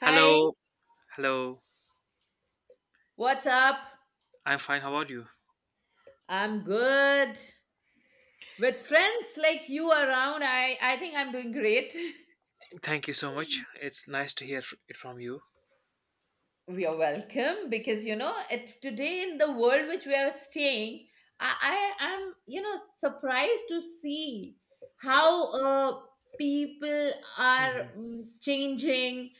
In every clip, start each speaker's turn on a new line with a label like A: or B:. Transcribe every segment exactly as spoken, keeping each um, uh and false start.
A: Hi,
B: Hello, hello.
A: what's up?
B: I'm fine. How about you?
A: I'm good. With friends like you around, I, I think I'm doing great.
B: Thank you so much. It's nice to hear it from you.
A: You're welcome because you know it, today in the world which we are staying, I, I am you know surprised to see how uh, people are
B: Mhm.
A: mm, changing.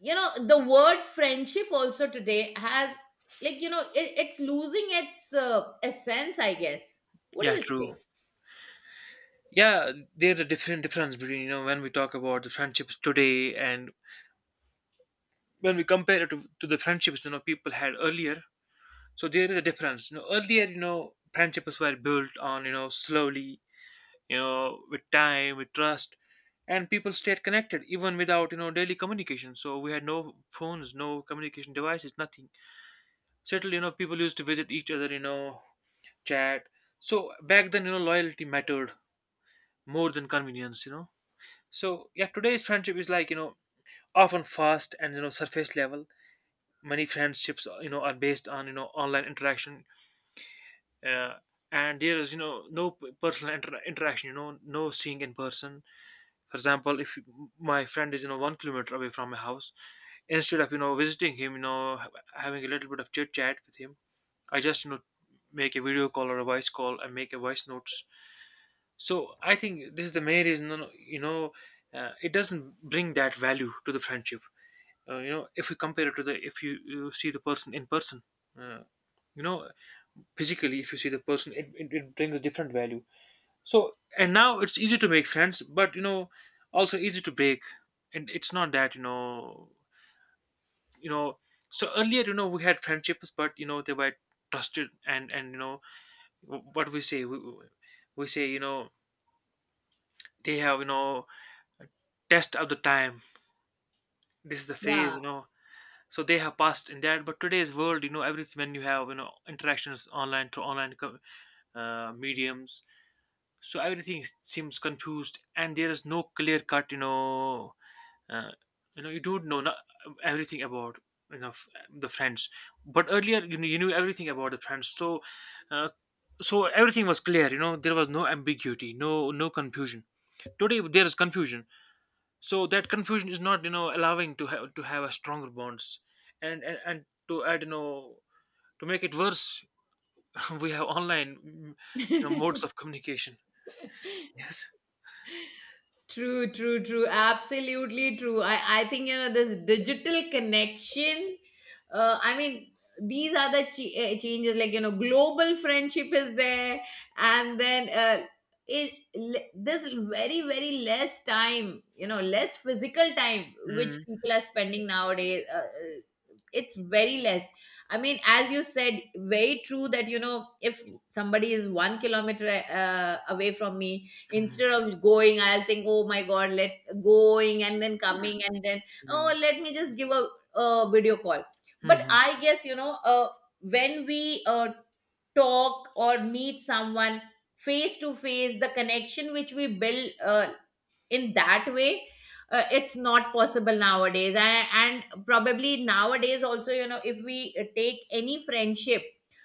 A: You know the word friendship also today has like you know it, it's losing its uh, essence. I guess. What do
B: Yeah,
A: you
B: true.
A: say?
B: Yeah, there's a different difference between you know when we talk about the friendships today, and when we compare it to, to the friendships, you know people had earlier. So there is a difference. You know, earlier, you know friendships were built on, you know slowly, you know with time, with trust, and people stayed connected even without, you know daily communication. So we had no phones, no communication devices, nothing settled. You know people used to visit each other, you know chat. So back then, you know loyalty mattered more than convenience. You know so yeah, today's friendship is like, you know often fast and, you know surface level. Many friendships, you know are based on, you know online interaction. uh, and there is, you know no p- personal inter- interaction, you know no seeing in person. For example, if my friend is, you know one kilometer away from my house, instead of, you know visiting him, you know ha- having a little bit of chit chat with him, I just, you know make a video call or a voice call and make a voice notes. So I think this is the main reason. You know, you know, uh, it doesn't bring that value to the friendship. Uh, you know, if you compare it to the, if you, you see the person in person, uh, you know, physically, if you see the person, it, it, it brings a different value. So, and now it's easy to make friends, but, you know, also easy to break. And it's not that you know, you know. So earlier, you know, we had friendships, but, you know, they were trusted, and and, you know what we say, we, we say, you know they have, you know test of the time. This is the phase,
A: Yeah.
B: you know so they have passed in that. But today's world, you know everything, when you have, you know interactions online through online co- uh, mediums, so everything s- seems confused and there is no clear cut. you know uh, you know you don't know, not everything about, you know f- the friends. But earlier you knew, you knew everything about the friends. So, uh, so everything was clear, you know there was no ambiguity, no no confusion. Today there is confusion, so that confusion is not, you know allowing to have to have a stronger bonds. And and, and, to add, you know to make it worse, we have online, mm, you know modes of communication. Yes.
A: True, true, true. Absolutely true. I, I think you know this digital connection. Uh, I mean, these are the ch- eh, changes. Like you know, global friendship is there, and then uh, it le- this very very less time. You know, less physical time which
B: Mm,
A: people are spending nowadays. Uh, eh, it's very less. I mean, as you said, very true that you know if somebody is one kilometer uh, away from me,
B: mhm,
A: instead of going I'll think, oh my god, let going and then coming and then,
B: mm,
A: oh, let me just give a, a video call. But
B: mhm,
A: I guess you know uh, when we uh, talk or meet someone face to face, the connection which we build uh, in that way, uh, it's not possible nowadays. And, and probably nowadays also, you know, if we uh, take any friendship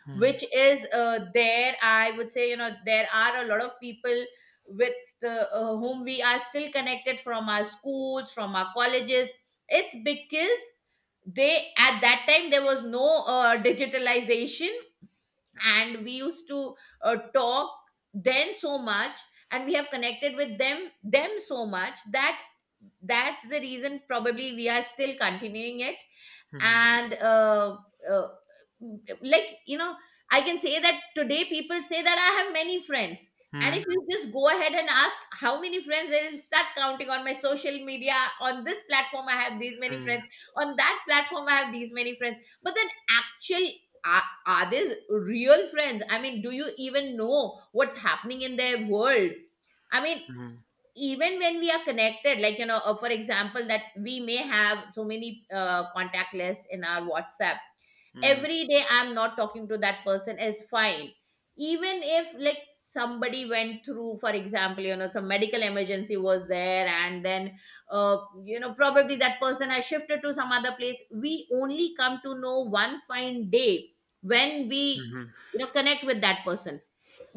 B: mhm,
A: which is uh, there, I would say you know there are a lot of people with uh, uh, whom we are still connected from our schools, from our colleges. It's because they at that time there was no uh, digitalization, and we used to uh, talk then so much, and we have connected with them them so much that that's the reason probably we are still continuing it.
B: mhm,
A: And uh, uh, like you know, I can say that today people say that I have many friends, and
B: mhm,
A: if you just go ahead and ask how many friends, they'll start counting on my social media. On this platform I have these many
B: mhm,
A: friends, on that platform I have these many friends, but then, actually, are, are these real friends? I mean, do you even know what's happening in their world? I mean,
B: mhm.
A: even when we are connected, like you know, uh, for example, that we may have so many uh, contact lists in our WhatsApp,
B: Mm-hmm.
A: every day I'm not talking to that person is fine. Even if, like, somebody went through, for example, you know, some medical emergency was there, and then uh, you know, probably that person has shifted to some other place, we only come to know one fine day when we, you know, connect with that person.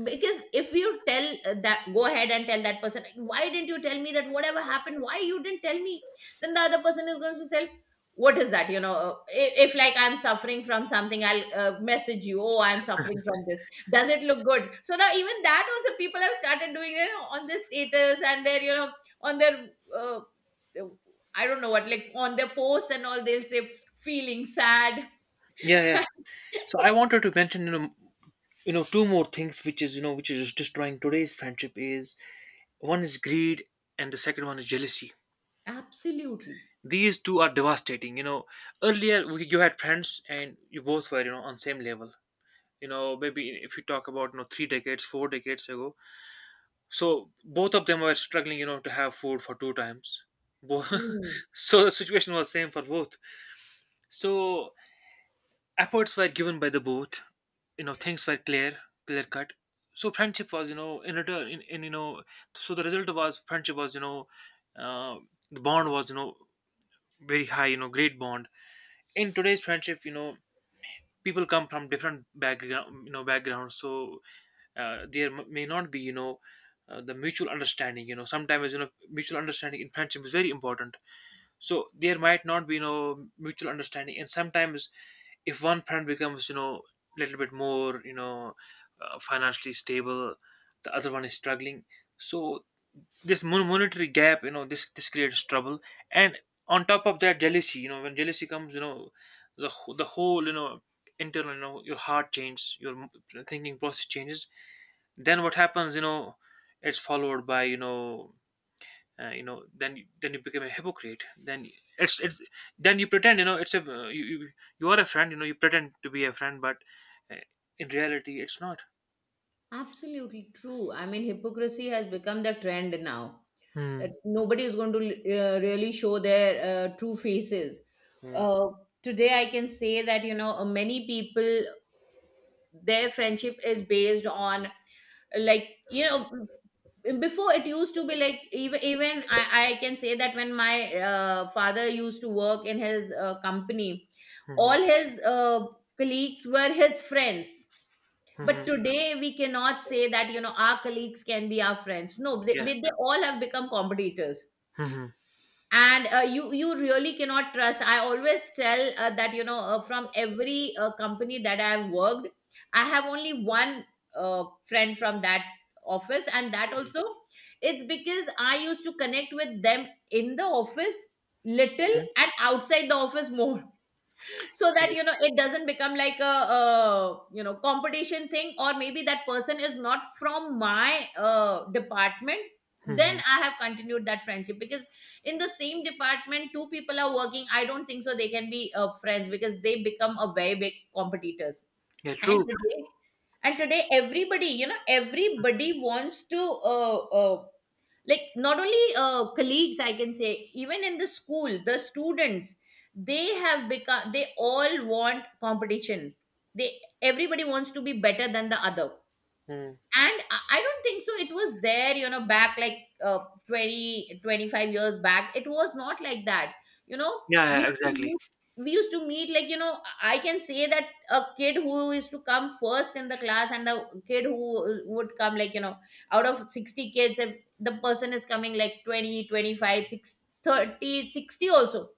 A: Because if you tell uh, that, go ahead and tell that person, why didn't you tell me that, whatever happened, why you didn't tell me, then the other person is going to say, what is that, you know? Uh, i- if, like, I'm suffering from something, I'll uh, message you, oh, I'm suffering from this, does it look good? So now even that also people have started doing it on their status and their, you know, on their uh, uh, I don't know what, like on their posts and all they'll say feeling sad.
B: Yeah, yeah. So I wanted to mention, you know, you know, two more things, which is, you know, which is destroying today's friendship. Is one is greed, and the second one is jealousy.
A: Absolutely.
B: These two are devastating. You know, earlier we, you had friends, and you both were, you know, on same level. You know, maybe if you talk about, you know, three decades, four decades ago, so both of them were struggling, you know, to have food for two times. Both,
A: Mm.
B: so the situation was same for both. So efforts were given by the both, you know things were clear clear cut. So friendship was, you know in return, in, in, you know so the result was friendship was, you know uh, the bond was, you know very high, you know great bond. In today's friendship, you know people come from different background you know backgrounds. So, uh, there m- may not be, you know uh, the mutual understanding. You know sometimes, you know mutual understanding in friendship is very important. So there might not be, you know mutual understanding, and sometimes, if one parent becomes, you know a little bit more, you know uh, financially stable, the other one is struggling. So this mon- monetary gap, you know this this creates trouble. And on top of that, jealousy. You know when jealousy comes, you know the wh- the whole, you know internal, you know your heart changes, your m- thinking process changes. Then what happens, you know it's followed by, you know uh, you know then then you become a hypocrite. Then it's it's then you pretend, you know it's a uh, you, you you are a friend, you know you pretend to be a friend, but, uh, in reality, it's not.
A: Absolutely true. I mean, hypocrisy has become the trend now. That
B: Hmm.
A: nobody is going to uh, really show their uh, true faces.
B: Hmm.
A: Uh, today, I can say that, you know, many people, their friendship is based on, like, you know, before it used to be like, even, even I, I can say that when my uh, father used to work in his uh, company,
B: Hmm.
A: all his uh, colleagues were his friends.
B: Hmm.
A: But today we cannot say that, you know, our colleagues can be our friends. No, they,
B: Yeah.
A: they they all have become competitors,
B: Hmm.
A: and uh, you you really cannot trust. I always tell uh, that, you know, uh, from every uh, company that I have worked, I have only one uh, friend from that office, and that
B: Mhm.
A: also it's because I used to connect with them in the office little and outside the office more, so that,
B: Yeah.
A: you know, it doesn't become like a, uh you know competition thing, or maybe that person is not from my uh, department, then
B: Hmm.
A: I have continued that friendship. Because in the same department two people are working, I don't think so they can be uh, friends, because they become a very big competitors.
B: Yeah,
A: And
B: true.
A: today, and today, everybody, you know, everybody wants to uh, uh, like, not only uh, colleagues, I can say even in the school the students, they have become, they all want competition, they, everybody wants to be better than the other.
B: Hmm.
A: And i I don't think so it was there, you know, back like uh, twenty twenty-five years back, it was not like that, you know.
B: Yeah,
A: We
B: yeah,
A: used to
B: exactly.
A: meet, we used to meet, like, you know, I can say that a kid who used to come first in the class and the kid who would come, like, you know, out of sixty kids, if the person is coming like twenty, twenty-five, six, thirty, sixty also,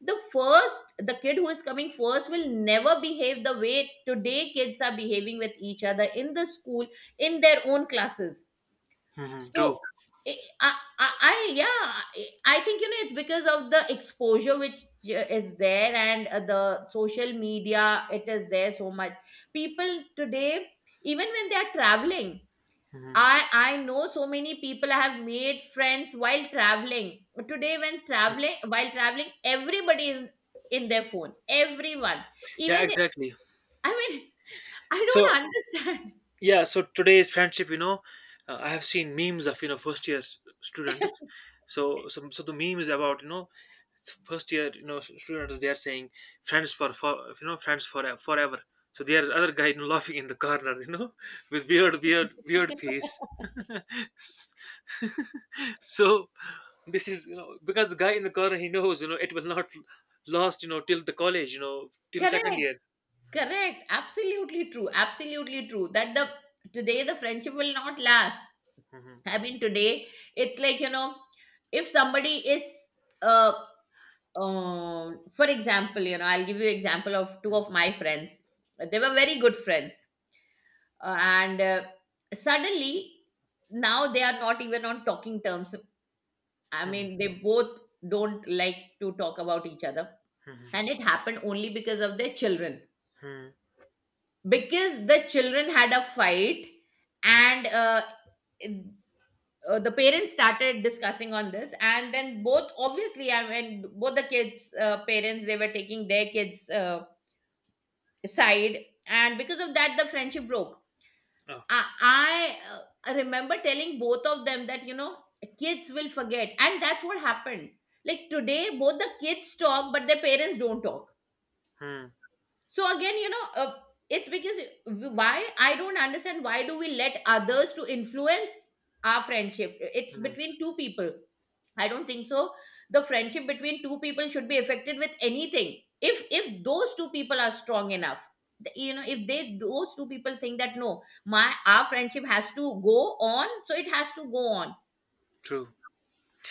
A: the first, the kid who is coming first will never behave the way today kids are behaving with each other in the school, in their own classes.
B: Mhm. True.
A: So I, I, I yeah, I I think you know it's because of the exposure which uh, is there, and uh, the social media, it is there so much. People today, even when they are traveling,
B: Hmm.
A: I I know so many people. I have made friends while traveling. Today, when traveling, while traveling, everybody is in their phone. Everyone,
B: Yeah,
A: even,
B: exactly.
A: I mean, I
B: So
A: don't understand.
B: yeah, so today's friendship, you know, uh, I have seen memes of, you know first year s- students. So, so so the meme is about, you know s- first year, you know s- students, they are saying, "friends for, for, you know friends for e-, forever." So there is other guy, you know, laughing in the corner, you know, with weird weird weird face. So this is, you know because the guy in the corner, he knows, you know it will not last, you know till the college, you know till second
A: Correct,
B: year.
A: correct. Absolutely true. Absolutely true. That the today the friendship will not last.
B: Hmm.
A: I mean, today it's like, you know, if somebody is uh um for example, you know, I'll give you example of two of my friends, they were very good friends. Uh, and uh, suddenly now they are not even on talking terms, I
B: Hmm.
A: mean, they both don't like to talk about each other.
B: Hmm. Hmm.
A: And it happened only because of their children,
B: Hmm.
A: because the children had a fight. And uh, it- uh, the parents started discussing on this, and then both, obviously, I mean, both the kids uh, parents, they were taking their kids uh, side, and because of that the friendship broke.
B: Oh.
A: I i, uh, remember telling both of them that, you know, kids will forget, and that's what happened. Like today both the kids talk but their parents don't talk.
B: Hmm.
A: So again, you know, uh, it's because, why I don't understand, why do we let others to influence our friendship? It's
B: Hmm.
A: between two people. I don't think so. The friendship between two people should be affected with anything. If if those two people are strong enough, th- you know, if they, those two people think that no, my, our friendship has to go on, so it has to go on.
B: True.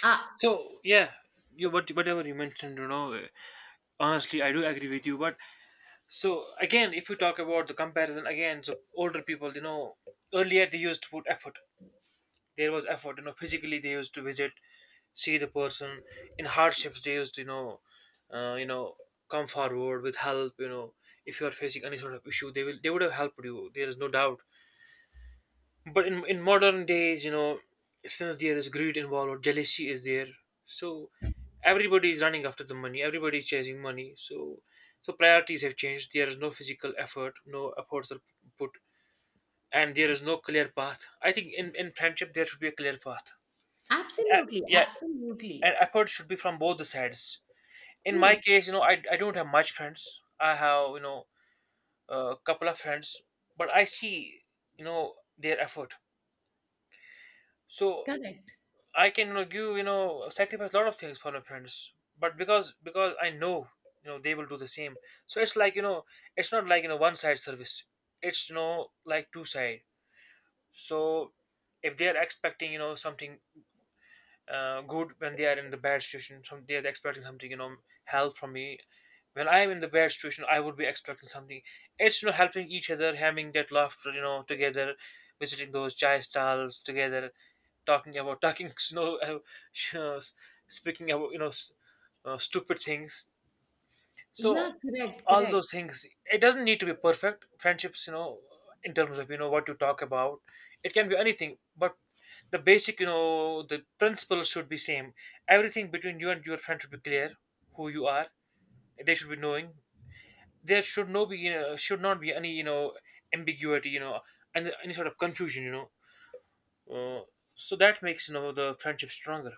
A: Uh,
B: So yeah, you what whatever you mentioned, you know, uh, honestly, I do agree with you. But, so again, if you talk about the comparison again, so older people, you know, earlier they used to put effort. There was effort, you know, physically they used to visit, see the person in hardships. They used to, you know, uh, you know, come forward with help. You know, if you are facing any sort of issue, they will, they would have helped you. There is no doubt. But in in modern days, you know, since there is greed involved, jealousy is there. So everybody is running after the money. Everybody is chasing money. So, so priorities have changed. There is no physical effort. No efforts are put, and there is no clear path. I think in in friendship, there should be a clear path. Uh,
A: absolutely,
B: yeah, and
A: absolutely.
B: effort should be from both the sides. In my
A: True.
B: case, you know, I I don't have much friends. I have, you know a couple of friends, but I see, you know their effort. So,
A: Correct.
B: I can, you know, give, you know sacrifice a lot of things for my friends, but because because I know, you know they will do the same. So it's like, you know it's not like, you know one side service. It's, you know like two side. So if they are expecting, you know something, uh, good, when they are in the bad situation, some they are expecting something, you know help from me. When I am in the bad situation, I would be expecting something. It's, you know helping each other, having that laughter, you know together, visiting those chai stalls together, talking about talking, you know uh, uh, speaking about, you know s- uh, stupid things. So,
A: Yeah, correct,
B: all
A: correct.
B: those things, it doesn't need to be perfect friendships, you know in terms of, you know what you talk about. It can be anything, but the basic, you know the principle should be same. Everything between you and your friend should be clear. Who you are, they should be knowing. There should no be, you know should not be any, you know ambiguity, you know and any sort of confusion, you know uh, so that makes, you know the friendship stronger,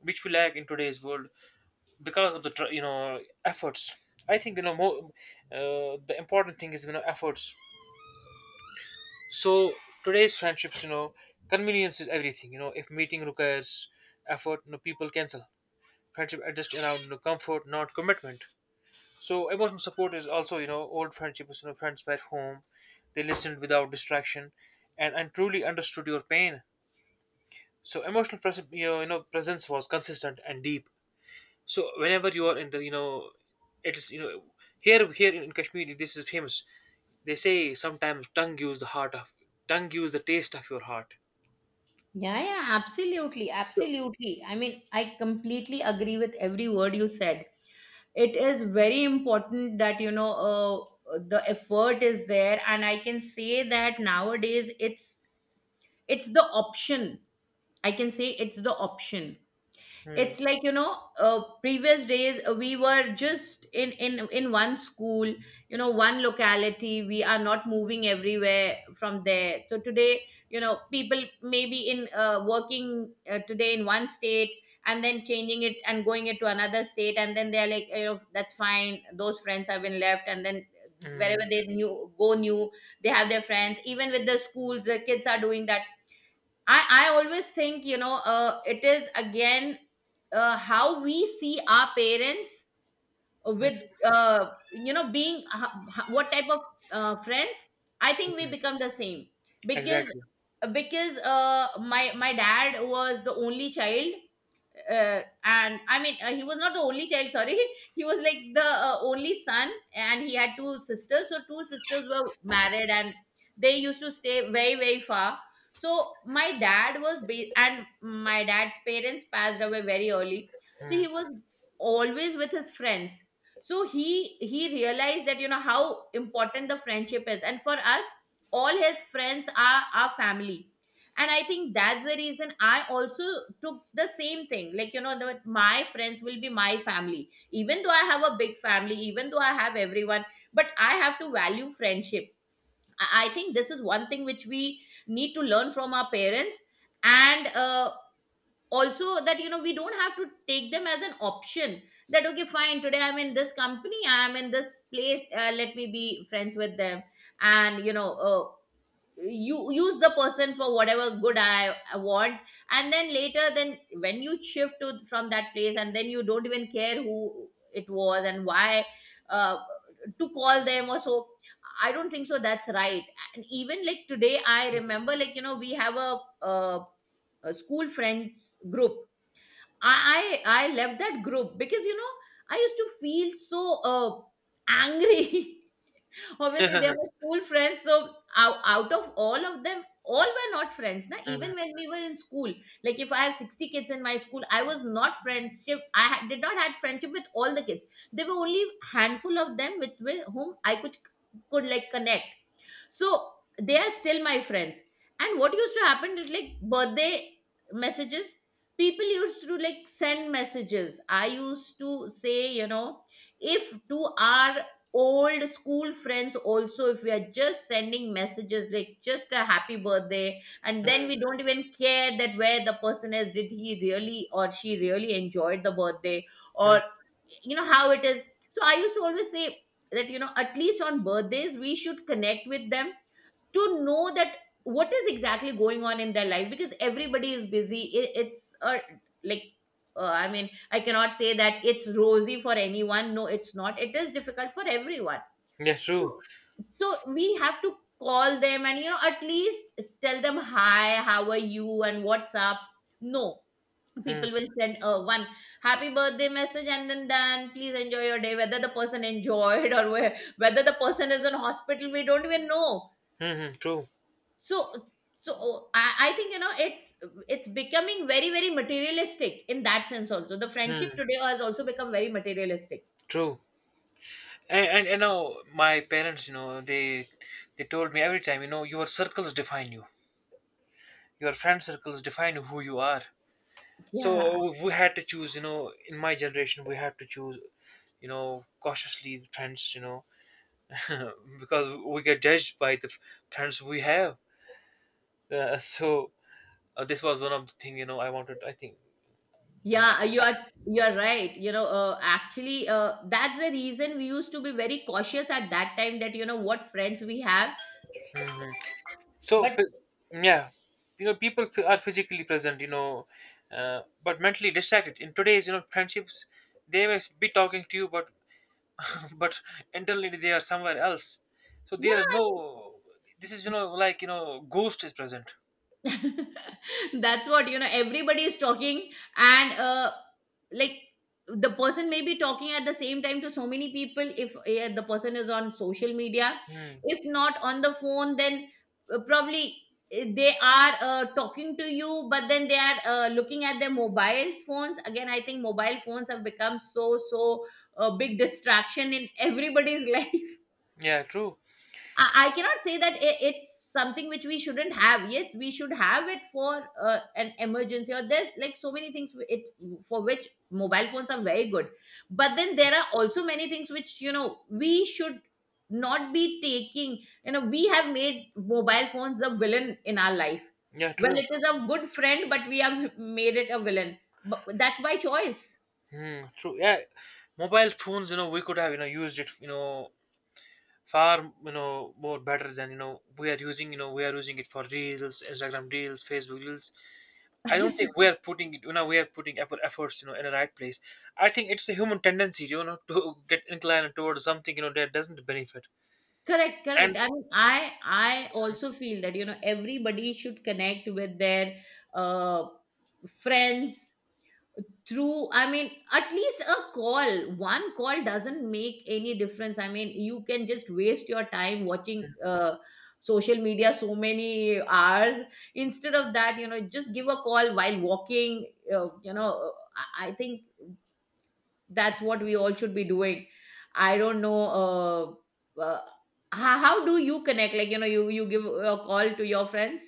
B: which we lack in today's world, because of the tr- you know efforts. I think, you know more, uh, the important thing is, you know efforts. So today's friendships, you know convenience is everything. You know if meeting requires effort, you know people cancel. Friendship adjust around, you know, comfort, not commitment. So emotional support is also, you know old friendships, you know friends back home, they listened without distraction, and, and truly understood your pain. So emotional pres- you know you know, presence was consistent and deep. So whenever you are in the, you know, it is, you know, here here in Kashmir, this is famous. They say sometimes tongue gives the heart of, tongue gives the taste of your heart.
A: Yeah, yeah, absolutely,
B: So.
A: absolutely. I mean, I completely agree with every word you said. It is very important that, you know, uh, the effort is there, and I can say that nowadays it's it's the option, I can say it's the option.
B: Hmm.
A: It's like, you know, uh, previous days uh, we were just in in in one school, you know, one locality, we are not moving everywhere from there, so today, you know, people maybe in uh, working uh, today in one state and then changing it and going it to another state, and then they're like, you know, that's fine, those friends have been left, and then wherever
B: Hmm.
A: they new go new, they have their friends. Even with the schools the kids are doing that. I, I always think, you know, uh, it is again uh, how we see our parents with, uh, you know, being uh, h- h- what type of uh, friends. I think we
B: Hmm.
A: become the same. because
B: Exactly.
A: because uh, my my dad was the only child, uh, and I mean, uh, he was not the only child. Sorry, he was like the uh, only son, and he had two sisters. So two sisters were married, and they used to stay very very far. So my dad was ba- and my dad's parents passed away very early. So
B: Hmm.
A: he was always with his friends. So he he realized that you know how important the friendship is, and for us, all his friends are our family, and I think that's the reason I also took the same thing, like you know that my friends will be my family, even though I have a big family, even though I have everyone, but I have to value friendship i I think this is one thing which we need to learn from our parents. And uh, Also that you know we don't have to take them as an option, that okay fine, today I'm in this company, I'm in this place, uh, let me be friends with them and you know uh, you use the person for whatever good I, I want, and then later, then when you shift to from that place, and then you don't even care who it was and why uh, to call them or so. I don't think so that's right. And even like today, I remember, like you know, we have a, a, a school friends group. I, I i left that group because you know I used to feel so uh, angry obviously they were school friends, so out, out of all of them, all were not friends na,
B: Hmm.
A: even when we were in school. Like if I have sixty kids in my school, I was not friendship, I ha- did not had friendship with all the kids. There were only handful of them, with, with whom I could could like connect. So they are still my friends. And what used to happen is like birthday messages. People used to like send messages. I used to say, you know, if to our old school friends also, if we are just sending messages like just a happy birthday, and then
B: Hmm.
A: we don't even care that where the person is, did he really or she really enjoyed the birthday,
B: Hmm.
A: or you know how it is. So I used to always say that you know at least on birthdays we should connect with them, to know that what is exactly going on in their life, because everybody is busy, it, it's a like, uh, i mean I cannot say that it's rosy for anyone, no it's not, it is difficult for everyone.
B: Yes, true.
A: So we have to call them and you know at least tell them hi, how are you and what's up. No,
B: Hmm.
A: people will send uh, one happy birthday message and then done. Please enjoy your day, whether the person enjoyed or where, whether the person is in hospital, we don't even know.
B: Hmm. Hmm. True.
A: So so oh, I, I think you know it's it's becoming very very materialistic, in that sense also the friendship
B: Hmm.
A: today has also become very materialistic.
B: True. And, and you know, my parents, you know, they they told me every time, you know, your circles define you. Your friend circles define who you are.
A: Yeah,
B: So we had to choose, you know, in my generation, we had to choose you know cautiously the friends, you know. Because we get judged by the f- friends we have. Uh, so uh, this was one of the thing, you know. I wanted, I think.
A: yeah, you are you're right, you know, uh, actually uh, that's the reason we used to be very cautious at that time, that you know what friends we have,
B: Hmm. so
A: but
B: p- yeah, you know, people f- are physically present, you know, uh, but mentally distracted in today's, you know, friendships. They may be talking to you but but internally they are somewhere else. So
A: yeah.
B: there is no, this is, you know, like, you know, ghost is present.
A: That's what you know everybody is talking. And uh like the person may be talking at the same time to so many people, if uh, the person is on social media,
B: Hmm.
A: if not on the phone, then uh, probably uh, they are uh, talking to you, but then they are uh, looking at their mobile phones. Again, I think mobile phones have become so so a big distraction in everybody's life.
B: Yeah, true.
A: I, I cannot say that i- it's something which we shouldn't have. Yes, we should have it for uh, an emergency, or there's like so many things w- it for which mobile phones are very good. But then there are also many things which you know we should not be taking. You know, we have made mobile phones the villain in our life.
B: Yeah,
A: Well,
B: true.
A: it is a good friend, but we have made it a villain. But that's by choice.
B: Hmm, true. Yeah, mobile phones. You know, we could have you know used it. You know, far you know more better than you know we are using. You know, we are using it for reels, Instagram reels, Facebook reels. I don't think we are putting it. You know, we are putting effort, efforts, you know, in the right place. I think it's a human tendency, you know, to get inclined towards something, you know, that doesn't benefit.
A: Correct,
B: And
A: correct. I mean, I I also feel that you know everybody should connect with their uh, friends through. I mean, at least a call. One call doesn't make any difference. I mean, you can just waste your time watching uh, social media so many hours. Instead of that, you know, just give a call while walking. Uh, you know, uh, I, I think that's what we all should be doing. I don't know, uh, uh how, how do you connect, like you know, you you give a call to your friends?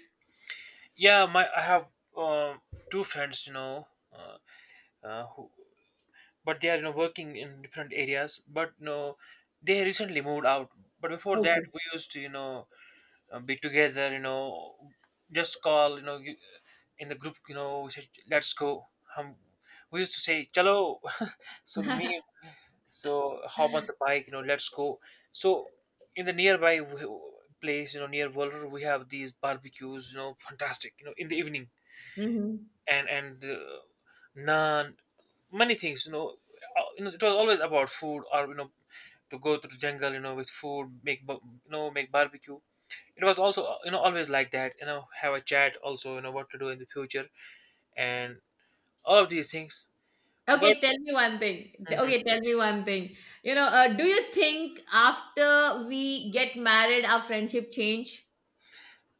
B: yeah, my I have um, two friends, you know. uh, uh, who but they are you know working in different areas, but no, they recently moved out. But before that
A: Okay.
B: we used to, you know, uh, be together, you know, just call, you know, you- in the group, you know, we said let's go. Um, we used to say chalo. So the me, so hop on the bike, you know, let's go. So in the nearby w- place, you know, near Walter we have these barbecues, you know, fantastic, you know, in the evening.
A: Hmm.
B: And and uh, naan, many things, you know. Uh, you know, it was always about food, or, you know, to go to the jungle, you know, with food, make ba- you know, make barbecue. It was also uh, you know always like that. You know, have a chat also. You know what to do in the future and all of these things. But
A: Okay, tell me one thing, T-
B: mhm,
A: okay tell me one thing, you know, uh, do you think after we get married our friendship change?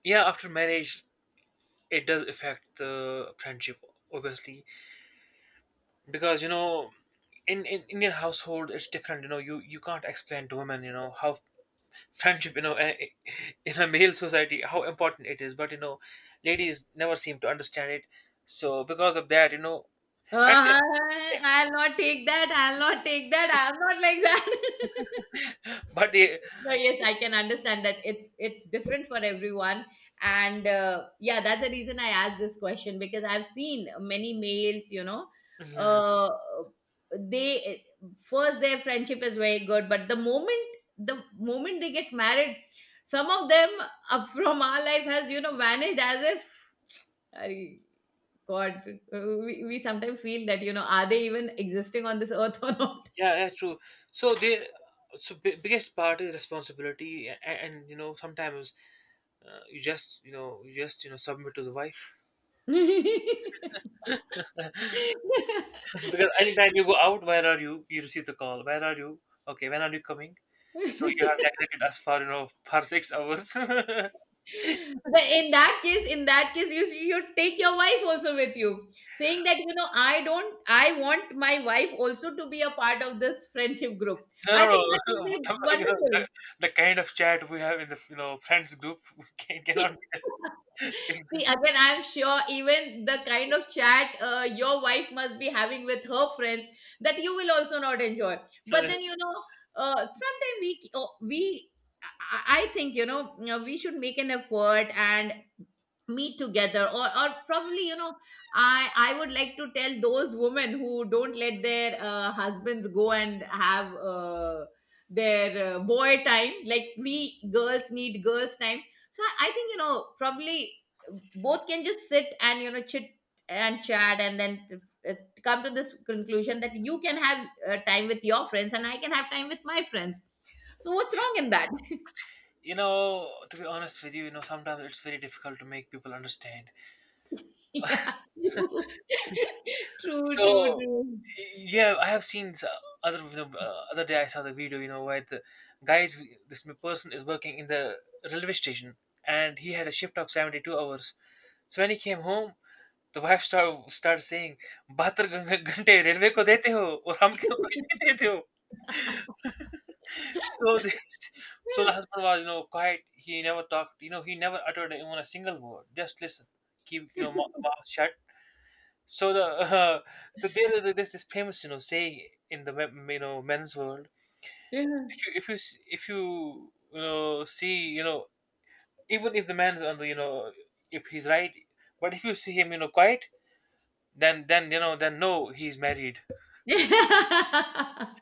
B: yeah, after marriage, it does affect the friendship, obviously, because, you know, in, in Indian household it's different. You know, you you can't explain to women you know how friendship, you know, eh, eh, in a male society how important it is, but you know ladies never seem to understand it. So because of that, you know, and
A: Uh, I'll not take that I'll not take that I'm not like that.
B: they- but they.
A: No, yes, I can understand that it's it's different for everyone, and uh, yeah, that's the reason I asked this question, because I've seen many males, you know,
B: Mhm.
A: uh, they, first their friendship is very good, but the moment the moment they get married, some of them uh, from our life has, you know, vanished, as if, I, God, uh, we, we sometimes feel that you know, are they even existing on this earth or not?
B: Yeah, yeah true. So they, so bi- biggest part is responsibility and, and you know sometimes uh, you just you know you just you know submit to the wife. Because anytime you go out, where are you, you receive the call, where are you, okay, when are you coming. So you have neglected us for, you know, for six hours.
A: But in that case, in that case you should take your wife also with you, saying that you know, I don't I want my wife also to be a part of this friendship group.
B: No,
A: I
B: no, no.
A: think that would be
B: The, you know,
A: wonderful.
B: the, the kind of chat we have in the you know friends group can,
A: See,
B: cannot.
A: again, I'm sure even the kind of chat uh, your wife must be having with her friends, that you will also not enjoy. But then you know, uh, sometimes we oh, we I I- I think you know, you know, we should make an effort and meet together, or or probably you know, i I would like to tell those women who don't let their uh, husbands go and have uh, their uh, boy time, like we girls need girls time. So I, I think, you know, probably both can just sit and you know chit and chat, and then uh, come to this conclusion that you can have uh, time with your friends and I can have time with my friends. So what's wrong in that?
B: You know, to be honest with you, you know, sometimes it's very difficult to make people understand.
A: Yeah. True, true,
B: So
A: true.
B: yeah, I have seen s- other, you know, uh, other day I saw the video, you know, where the guys, this person is working in the railway station, and he had a shift of seventy two hours. So when he came home, the wife start started saying, "बहत्तर घं- घंटे railway को देते हो और हम क्यों कुछ नहीं देते हो?" So this, so the husband was you know quiet, he never talked, you know, he never uttered even a single word, just listen, keep, you know, mou- mouth shut. So the uh, so there is this this famous, you know, saying in the men- you know men's world,
A: Yeah.
B: if you if you s- if you you know see, you know, even if the man's on the you know, if he's right, but if you see him you know quiet, then then you know then no, he's married.
A: Yeah, I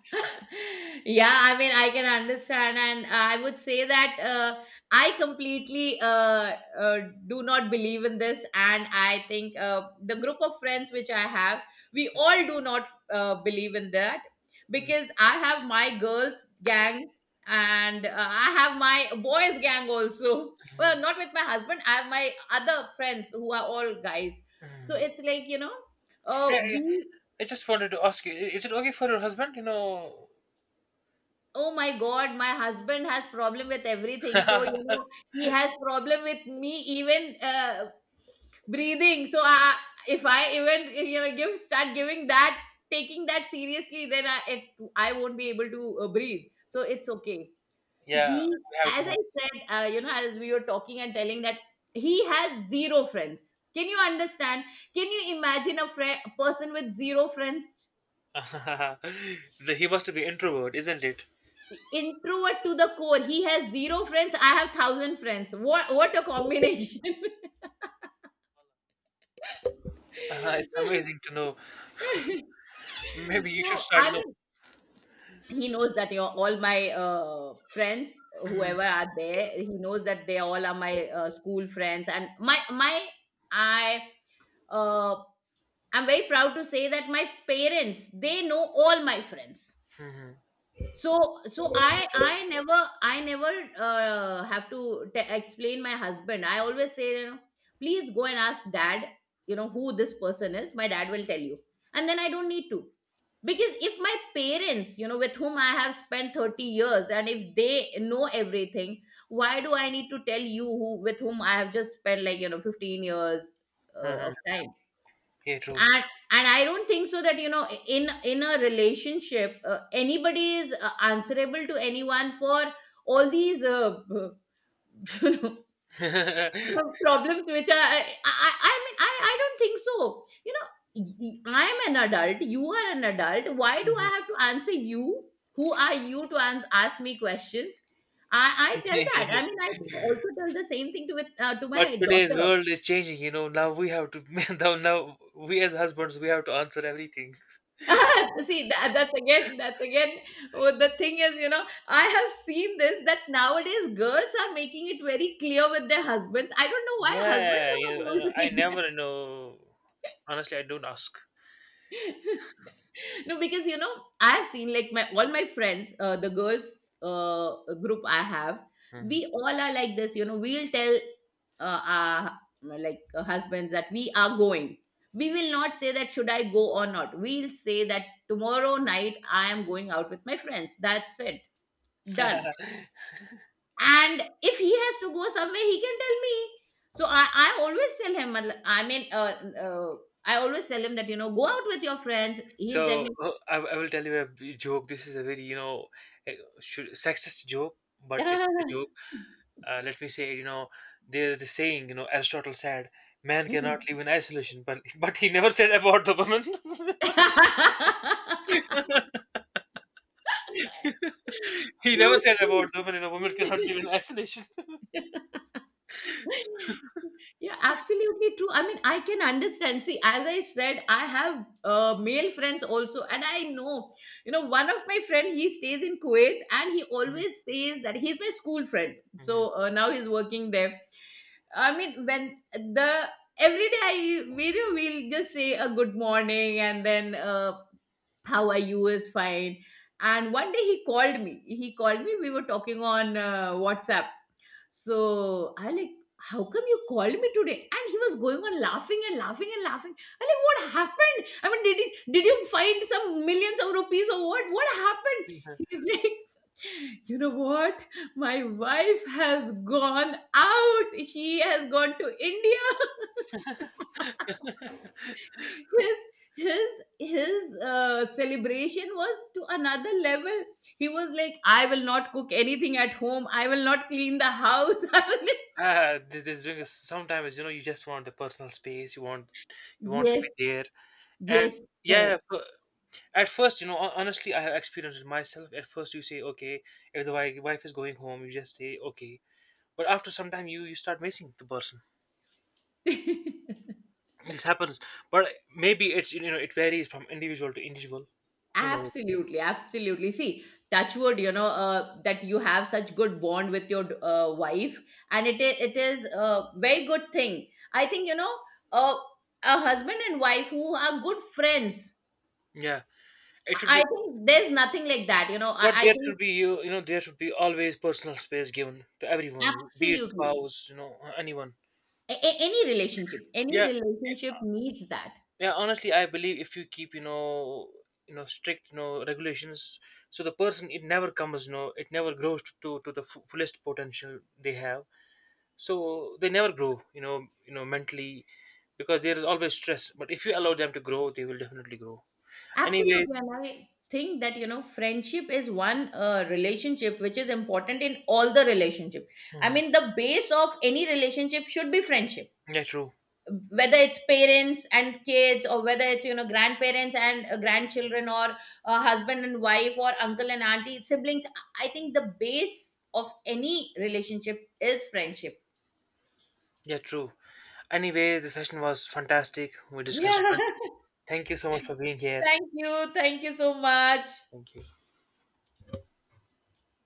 A: mean I can understand, and I would say that uh, i completely uh, uh, do not believe in this, and I think uh, the group of friends which I have, we all do not uh, believe in that.
B: Mhm,
A: Because I have my girls gang, and uh, I have my boys gang also. Well, not with my husband, I have my other friends who are all guys. So
B: mhm.
A: it's like you know, uh,
B: Yeah, yeah.
A: we
B: I just wanted to ask you i- is it okay for your husband, you know.
A: oh my god, my husband has problem with everything, so you know, he has problem with me even uh, breathing. So I, if I even you know give start giving that, taking that seriously, then i it, I won't be able to uh, breathe, so it's okay.
B: Yeah,
A: he
B: we have to
A: As I
B: manage.
A: said, uh, you know, as we were talking and telling that he has zero friends. Can you understand? Can you imagine a, fri- a person with zero friends?
B: The- he must be introvert, isn't it?
A: Introvert to the core. He has zero friends. I have thousand friends. What what a combination!
B: Uh, it's amazing to know. Maybe you should
A: No,
B: start,
A: I
B: you know.
A: mean, he knows that you know, all my uh, friends, whoever are there, he knows that they all are my uh, school friends and my my I. Uh, I'm very proud to say that my parents, they know all my friends.
B: Mhm, mhm,
A: So so I I never I never uh, have to t- explain my husband, I always say, you know, please go and ask dad, you know who this person is, my dad will tell you. And then I don't need to, because if my parents, you know, with whom I have spent thirty years, and if they know everything, why do I need to tell you who, with whom I have just spent like you know fifteen years uh, of
B: mhm.
A: time.
B: Yeah, true.
A: and and I don't think so that you know, in in a relationship, uh, anybody is uh, answerable to anyone for all these uh, you
B: Mhm.
A: know problems which are i i, I mean, I, I don't think so, you know, y- y- I'm an adult, you are an adult, why do I have to answer you? Who are you to ans- ask me questions? I I tell that, I mean I also tell the same thing to with uh, to
B: But
A: my
B: today's
A: daughter.
B: world is changing, you know. Now we have to, now, now we as husbands, we have to answer everything.
A: See, that, that's again, that's again. What the thing is, you know, I have seen this, that nowadays girls are making it very clear with their husbands. I don't know why husbands
B: Yeah, you
A: are not able
B: know,
A: to
B: I
A: make.
B: never know. Honestly, I don't ask.
A: No, because you know, I have seen like my all my friends, uh, the girls uh, group I have,
B: Mhm.
A: we all are like this, you know, we'll tell uh, our like uh, husbands that we are going. We will not say that should I go or not, we'll say that tomorrow night I am going out with my friends, that's it. Done. And if he has to go somewhere, he can tell me. So i, I always tell him, I mean uh, uh, I always tell him that you know go out with your friends, he'll tell me.
B: So uh, I, I will tell you a b- joke. This is a very, you know, eh, should, sexist joke, but it
A: Yeah.
B: is a joke. Uh, let me say, you know, there is the saying, you know, Aristotle said man cannot
A: Mhm.
B: live in isolation, but but he never said about the woman. He never
A: True,
B: said about
A: true.
B: the woman. You know, women cannot live in isolation.
A: Yeah, absolutely true. I mean, I can understand. See, as I said, I have uh, male friends also, and I know, you know, one of my friend, he stays in Kuwait, and he always says that he's my school friend.
B: Mhm.
A: So uh, now he's working there. I mean, when the every day I, we do, we'll just say a good morning, and then uh, how are you is fine. And one day he called me, he called me we were talking on uh, WhatsApp. So I like, how come you called me today? And he was going on laughing and laughing and laughing. I like, what happened? I mean, did it did you find some millions of rupees or what? What happened? He's like, you know what, my wife has gone out, she has gone to India. His his his uh, celebration was to another level. He was like, I will not cook anything at home, I will not clean the house, I will not-
B: Ah, this this brings us- sometimes you know you just want the personal space. You want you want to
A: Yes,
B: be there. And
A: yes,
B: yeah,
A: correct.
B: f- at first, you know, hon- honestly, I have experienced it myself. At first, you say, okay, if the wi- wife is going home, you just say, okay. But after some time, you you start missing the person. This happens, but maybe it's you know it varies from individual to individual. Who knows?
A: Absolutely, absolutely. See, touchwood, you know, uh, that you have such good bond with your uh, wife, and it is, it is a very good thing. I think you know, uh, a husband and wife who are good friends,
B: Yeah, it should
A: I I
B: be.
A: think there's nothing like that. You know, I,
B: But
A: I
B: there should
A: think.
B: be you you know there should be always personal space given to everyone, be it
A: Absolutely.
B: spouse, you know, anyone.
A: A- a- any relationship, any
B: Yeah,
A: relationship needs that.
B: yeah, honestly, I believe if you keep, you know, you know, strict, you know, regulations, so the person it never comes, you know, it never grows to to, to the f- fullest potential they have. So they never grow, you know, you know, mentally, because there is always stress. But if you allow them to grow, they will definitely grow. Anyways,
A: Absolutely. And I think that, you know, friendship is one uh, relationship which is important in all the relationship. I
B: hmm,
A: mean, the base of any relationship should be friendship.
B: yeah, true,
A: Whether it's parents and kids, or whether it's you know grandparents and uh, grandchildren, or uh, husband and wife, or uncle and auntie, siblings, I I think the base of any relationship is friendship.
B: yeah, true. Anyways, the session was fantastic. We
A: Yeah.
B: discussed friendship. Thank you so much for being here.
A: Thank you. Thank you so much.
B: Thank you.